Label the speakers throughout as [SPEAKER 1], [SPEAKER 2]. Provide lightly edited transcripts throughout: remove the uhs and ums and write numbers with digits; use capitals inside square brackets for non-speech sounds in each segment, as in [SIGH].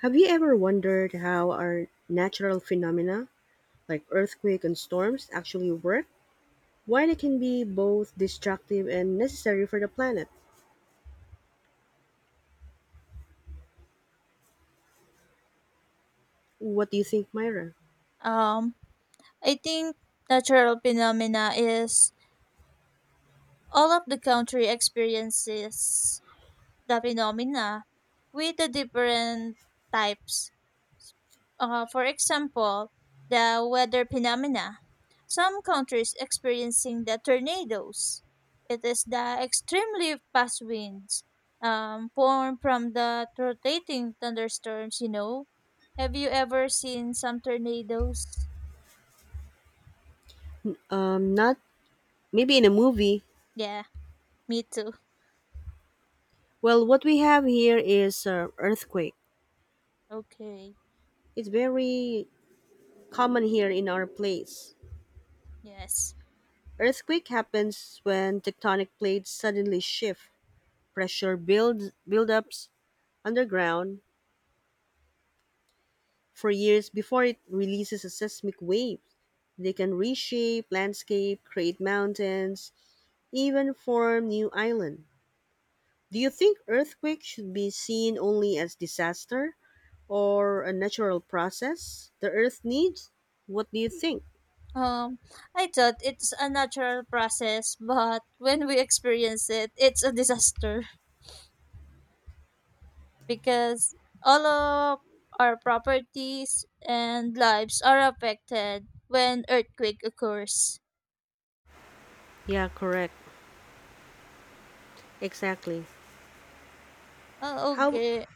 [SPEAKER 1] Have you ever wondered how our natural phenomena, like earthquake and storms, actually work? Why they can be both destructive and necessary for the planet? What do you think, Myra?
[SPEAKER 2] Um, I think natural phenomena is all of the country experiences the phenomena with the different types. For example, the weather phenomena. Some countries experiencing the tornadoes. It is the extremely fast winds formed from the rotating thunderstorms. Have you ever seen some tornadoes?
[SPEAKER 1] Not maybe in a movie.
[SPEAKER 2] Yeah, me too.
[SPEAKER 1] Well, what we have here is earthquake.
[SPEAKER 2] Okay.
[SPEAKER 1] It's very common here in our place.
[SPEAKER 2] Yes.
[SPEAKER 1] Earthquake happens when tectonic plates suddenly shift. Pressure builds buildups underground for years before it releases a seismic wave. They can reshape landscape, create mountains, even form new island. Do you think earthquake should be seen only as disaster or a natural process the earth needs? What do you think?
[SPEAKER 2] Um, I thought it's a natural process, but [LAUGHS] when we experience it, it's a disaster [LAUGHS] because all of our properties and lives are affected when earthquake occurs.
[SPEAKER 1] Yeah, correct. Exactly.
[SPEAKER 2] Oh,
[SPEAKER 1] How?
[SPEAKER 2] okay.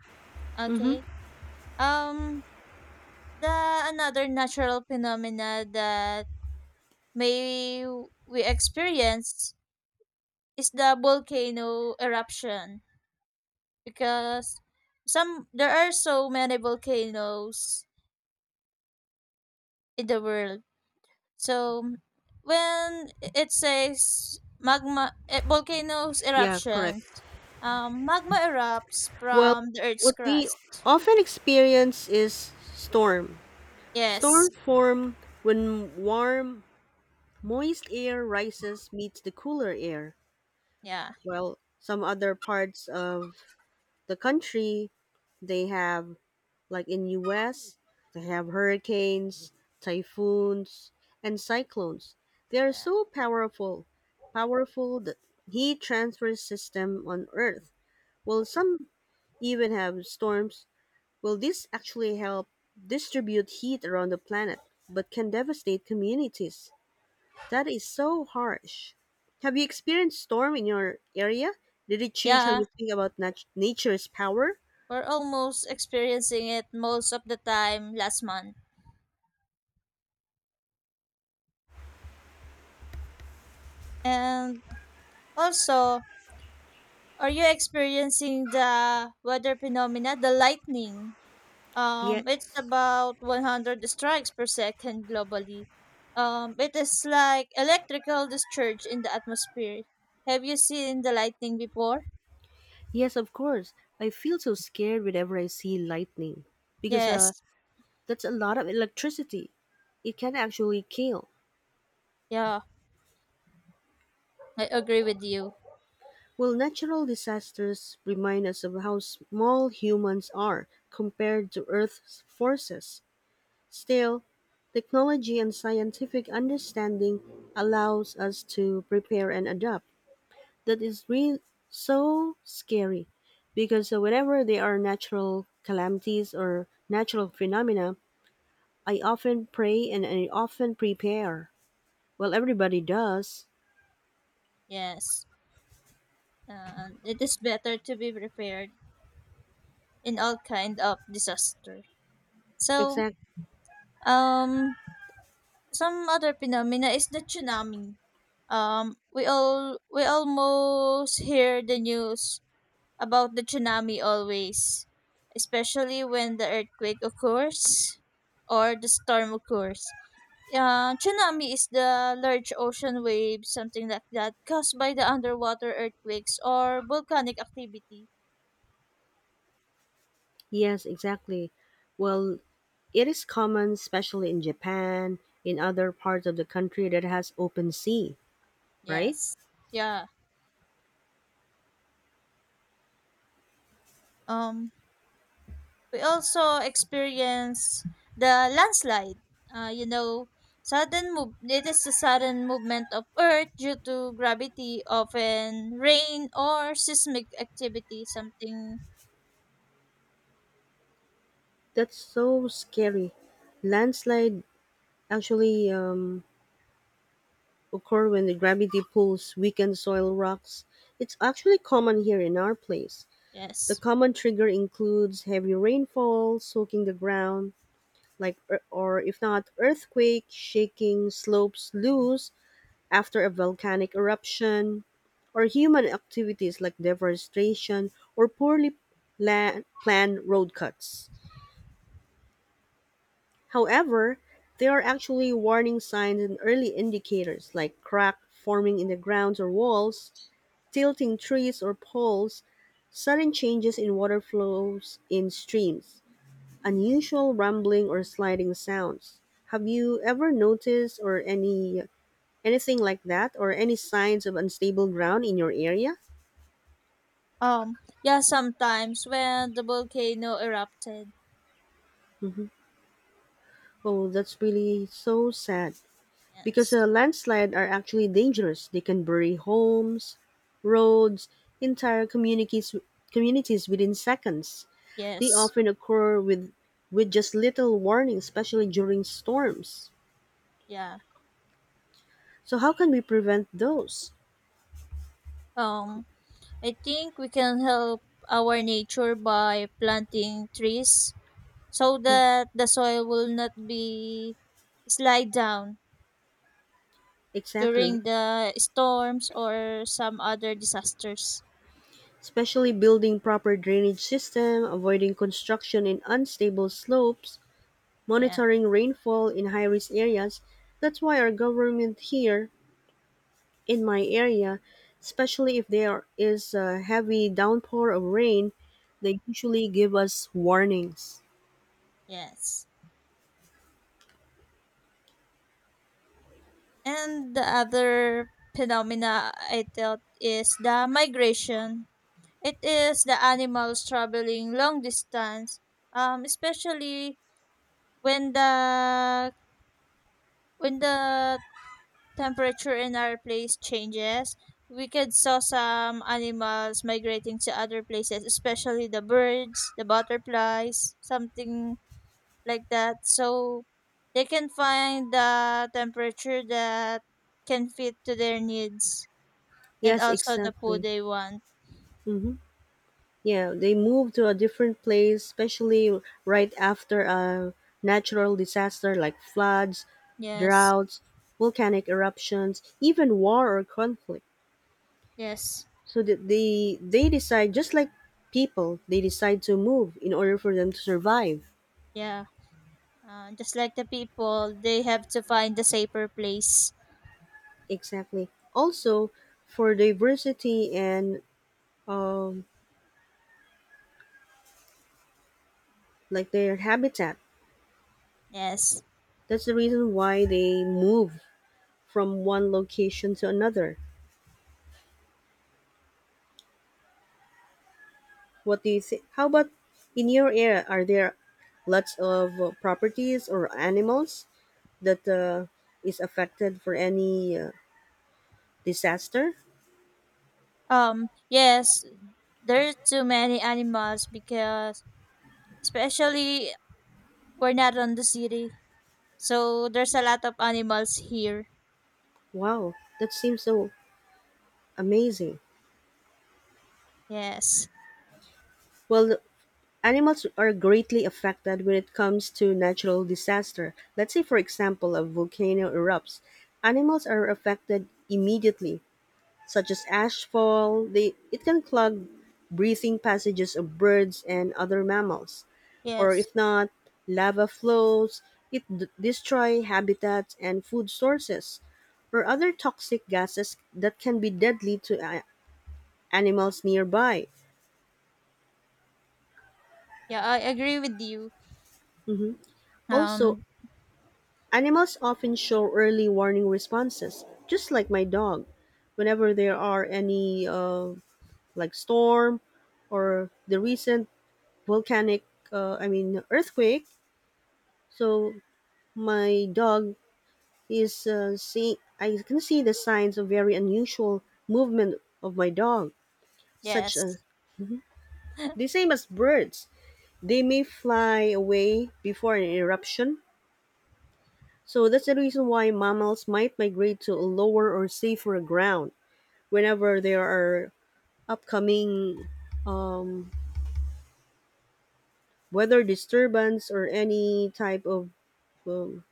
[SPEAKER 1] Mm-hmm.
[SPEAKER 2] Okay. Um, the another natural phenomena that may we experience is the volcano eruption. Because some there are so many volcanoes in the world. So when it says magma volcanoes
[SPEAKER 1] Yeah, correct.
[SPEAKER 2] eruptions, magma erupts
[SPEAKER 1] Well,
[SPEAKER 2] from the Earth's
[SPEAKER 1] what we
[SPEAKER 2] crust.
[SPEAKER 1] often experience is storm. Storm
[SPEAKER 2] Yes,
[SPEAKER 1] form when warm moist air rises meets the cooler air.
[SPEAKER 2] yeah,
[SPEAKER 1] Well, some other parts of the country, they have like in US, they have hurricanes, typhoons, and cyclones. They are
[SPEAKER 2] yeah,
[SPEAKER 1] so powerful, powerful that heat transfer system on Earth. Well, some even have storms. Will this actually help distribute heat around the planet, but can devastate communities? That is so harsh. Have you experienced storm in your area? Did it change how you
[SPEAKER 2] yeah.
[SPEAKER 1] think about nature's power?
[SPEAKER 2] We're almost experiencing it most of the time last month. And also, are you experiencing the weather phenomena, the lightning?
[SPEAKER 1] Yet,
[SPEAKER 2] It's about 100 strikes per second globally. It is like electrical discharge in the atmosphere. Have you seen the lightning before?
[SPEAKER 1] yes, of course, I feel so scared whenever I see lightning because
[SPEAKER 2] Yes.
[SPEAKER 1] that's a lot of electricity. It can actually kill.
[SPEAKER 2] Yeah, I agree with you.
[SPEAKER 1] Well, natural disasters remind us of how small humans are compared to Earth's forces. Still, technology and scientific understanding allows us to prepare and adapt. That is really so scary because whenever there are natural calamities or natural phenomena, I often pray and I often prepare. Well, everybody does.
[SPEAKER 2] Yes. And it is better to be prepared in all kind of disaster. So,
[SPEAKER 1] Exact.
[SPEAKER 2] um, some other phenomena is the tsunami. We almost hear the news about the tsunami always, especially when the earthquake occurs or the storm occurs. Tsunami is the large ocean wave, something like that, caused by the underwater earthquakes or volcanic activity.
[SPEAKER 1] Yes, exactly. Well, it is common, especially in Japan, in other parts of the country that has open sea, right?
[SPEAKER 2] Yes. Yeah. Um. We also experienced the landslide. Uh, you know, sudden move. It is a sudden movement of Earth due to gravity, often rain or seismic activity. Something
[SPEAKER 1] That's so scary. Landslide actually occur when the gravity pulls weakened soil rocks. It's actually common here in our place. The
[SPEAKER 2] yes.
[SPEAKER 1] common trigger includes heavy rainfall, soaking the ground, like or if not earthquake, shaking slopes loose after a volcanic eruption, or human activities like deforestation or planned road cuts. However, there are actually warning signs and early indicators like crack forming in the grounds or walls, tilting trees or poles, sudden changes in water flows in streams, unusual rumbling or sliding sounds. Have you ever noticed or anything like that or any signs of unstable ground in your area?
[SPEAKER 2] Um. Yeah. Sometimes when the volcano erupted.
[SPEAKER 1] Hmm. Oh, that's really so sad. Because
[SPEAKER 2] Yes.
[SPEAKER 1] a landslide are actually dangerous. They can bury homes, roads, entire communities within seconds. They
[SPEAKER 2] Yes.
[SPEAKER 1] often occur with just little warning, especially during storms.
[SPEAKER 2] Yeah.
[SPEAKER 1] So how can we prevent those?
[SPEAKER 2] Um. I think we can help our nature by planting trees so that the soil will not be slide down
[SPEAKER 1] Exactly.
[SPEAKER 2] during the storms or some other disasters.
[SPEAKER 1] Especially building proper drainage system, avoiding construction in unstable slopes,
[SPEAKER 2] Yeah,
[SPEAKER 1] monitoring rainfall in high-risk areas. That's why our government here in my area, especially if there is a heavy downpour of rain, they usually give us warnings.
[SPEAKER 2] yes. And the other phenomena I thought is the migration. It is the animals traveling long distance, especially when the temperature in our place changes. We could saw some animals migrating to other places, especially the birds, the butterflies, something like that so they can find the temperature that can fit to their needs and
[SPEAKER 1] Yes,
[SPEAKER 2] also the food
[SPEAKER 1] exactly.
[SPEAKER 2] they want.
[SPEAKER 1] Hmm. Yeah, they move to a different place, especially right after a natural disaster like floods,
[SPEAKER 2] Yes,
[SPEAKER 1] droughts, volcanic eruptions, even war or conflict.
[SPEAKER 2] yes,
[SPEAKER 1] So that they decide just like people, they decide to move in order for them to survive.
[SPEAKER 2] yeah. Just like the people, they have to find a safer place.
[SPEAKER 1] Exactly. Also, for diversity and um, like their habitat,
[SPEAKER 2] Yes.
[SPEAKER 1] that's the reason why they move from one location to another. What do you think? How about in your area? Are there lots of properties or animals that is affected for any disaster?
[SPEAKER 2] Yes, there are too many animals because, especially, we're not on the city, so there's a lot of animals here.
[SPEAKER 1] Wow, that seems so amazing.
[SPEAKER 2] Yes,
[SPEAKER 1] Well, animals are greatly affected when it comes to natural disaster. Let's say, for example, a volcano erupts. Animals are affected immediately, such as ash fall. They, it can clog breathing passages of birds and other mammals. Or
[SPEAKER 2] yes,
[SPEAKER 1] if not, lava flows. It destroy habitats and food sources, or other toxic gases that can be deadly to animals nearby.
[SPEAKER 2] yeah, I agree with you.
[SPEAKER 1] Mhm. Also,
[SPEAKER 2] um
[SPEAKER 1] animals often show early warning responses, just like my dog. Whenever there are any like storm or the recent volcanic, I mean earthquake, so my dog is see. I can see the signs of very unusual movement of my dog, such
[SPEAKER 2] yes.
[SPEAKER 1] as the same as birds. They may fly away before an eruption. So that's the reason why mammals might migrate to a lower or safer ground. Whenever there are upcoming um, weather disturbance or any type of um,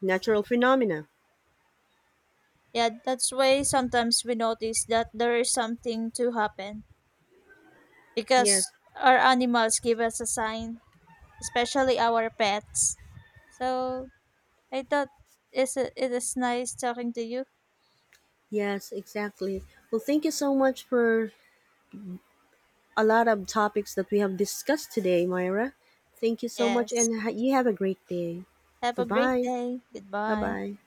[SPEAKER 1] natural phenomena.
[SPEAKER 2] Yeah, that's why sometimes we notice that there is something to happen
[SPEAKER 1] Yes,
[SPEAKER 2] because our animals give us a sign, especially our pets. So I thought is it it is nice talking to you.
[SPEAKER 1] yes, exactly. Well, thank you so much for a lot of topics that we have discussed today, Myra. Thank you so much,
[SPEAKER 2] Yes.
[SPEAKER 1] and you have a great day.
[SPEAKER 2] Have a great
[SPEAKER 1] Goodbye.
[SPEAKER 2] day.
[SPEAKER 1] Bye
[SPEAKER 2] Goodbye.
[SPEAKER 1] bye.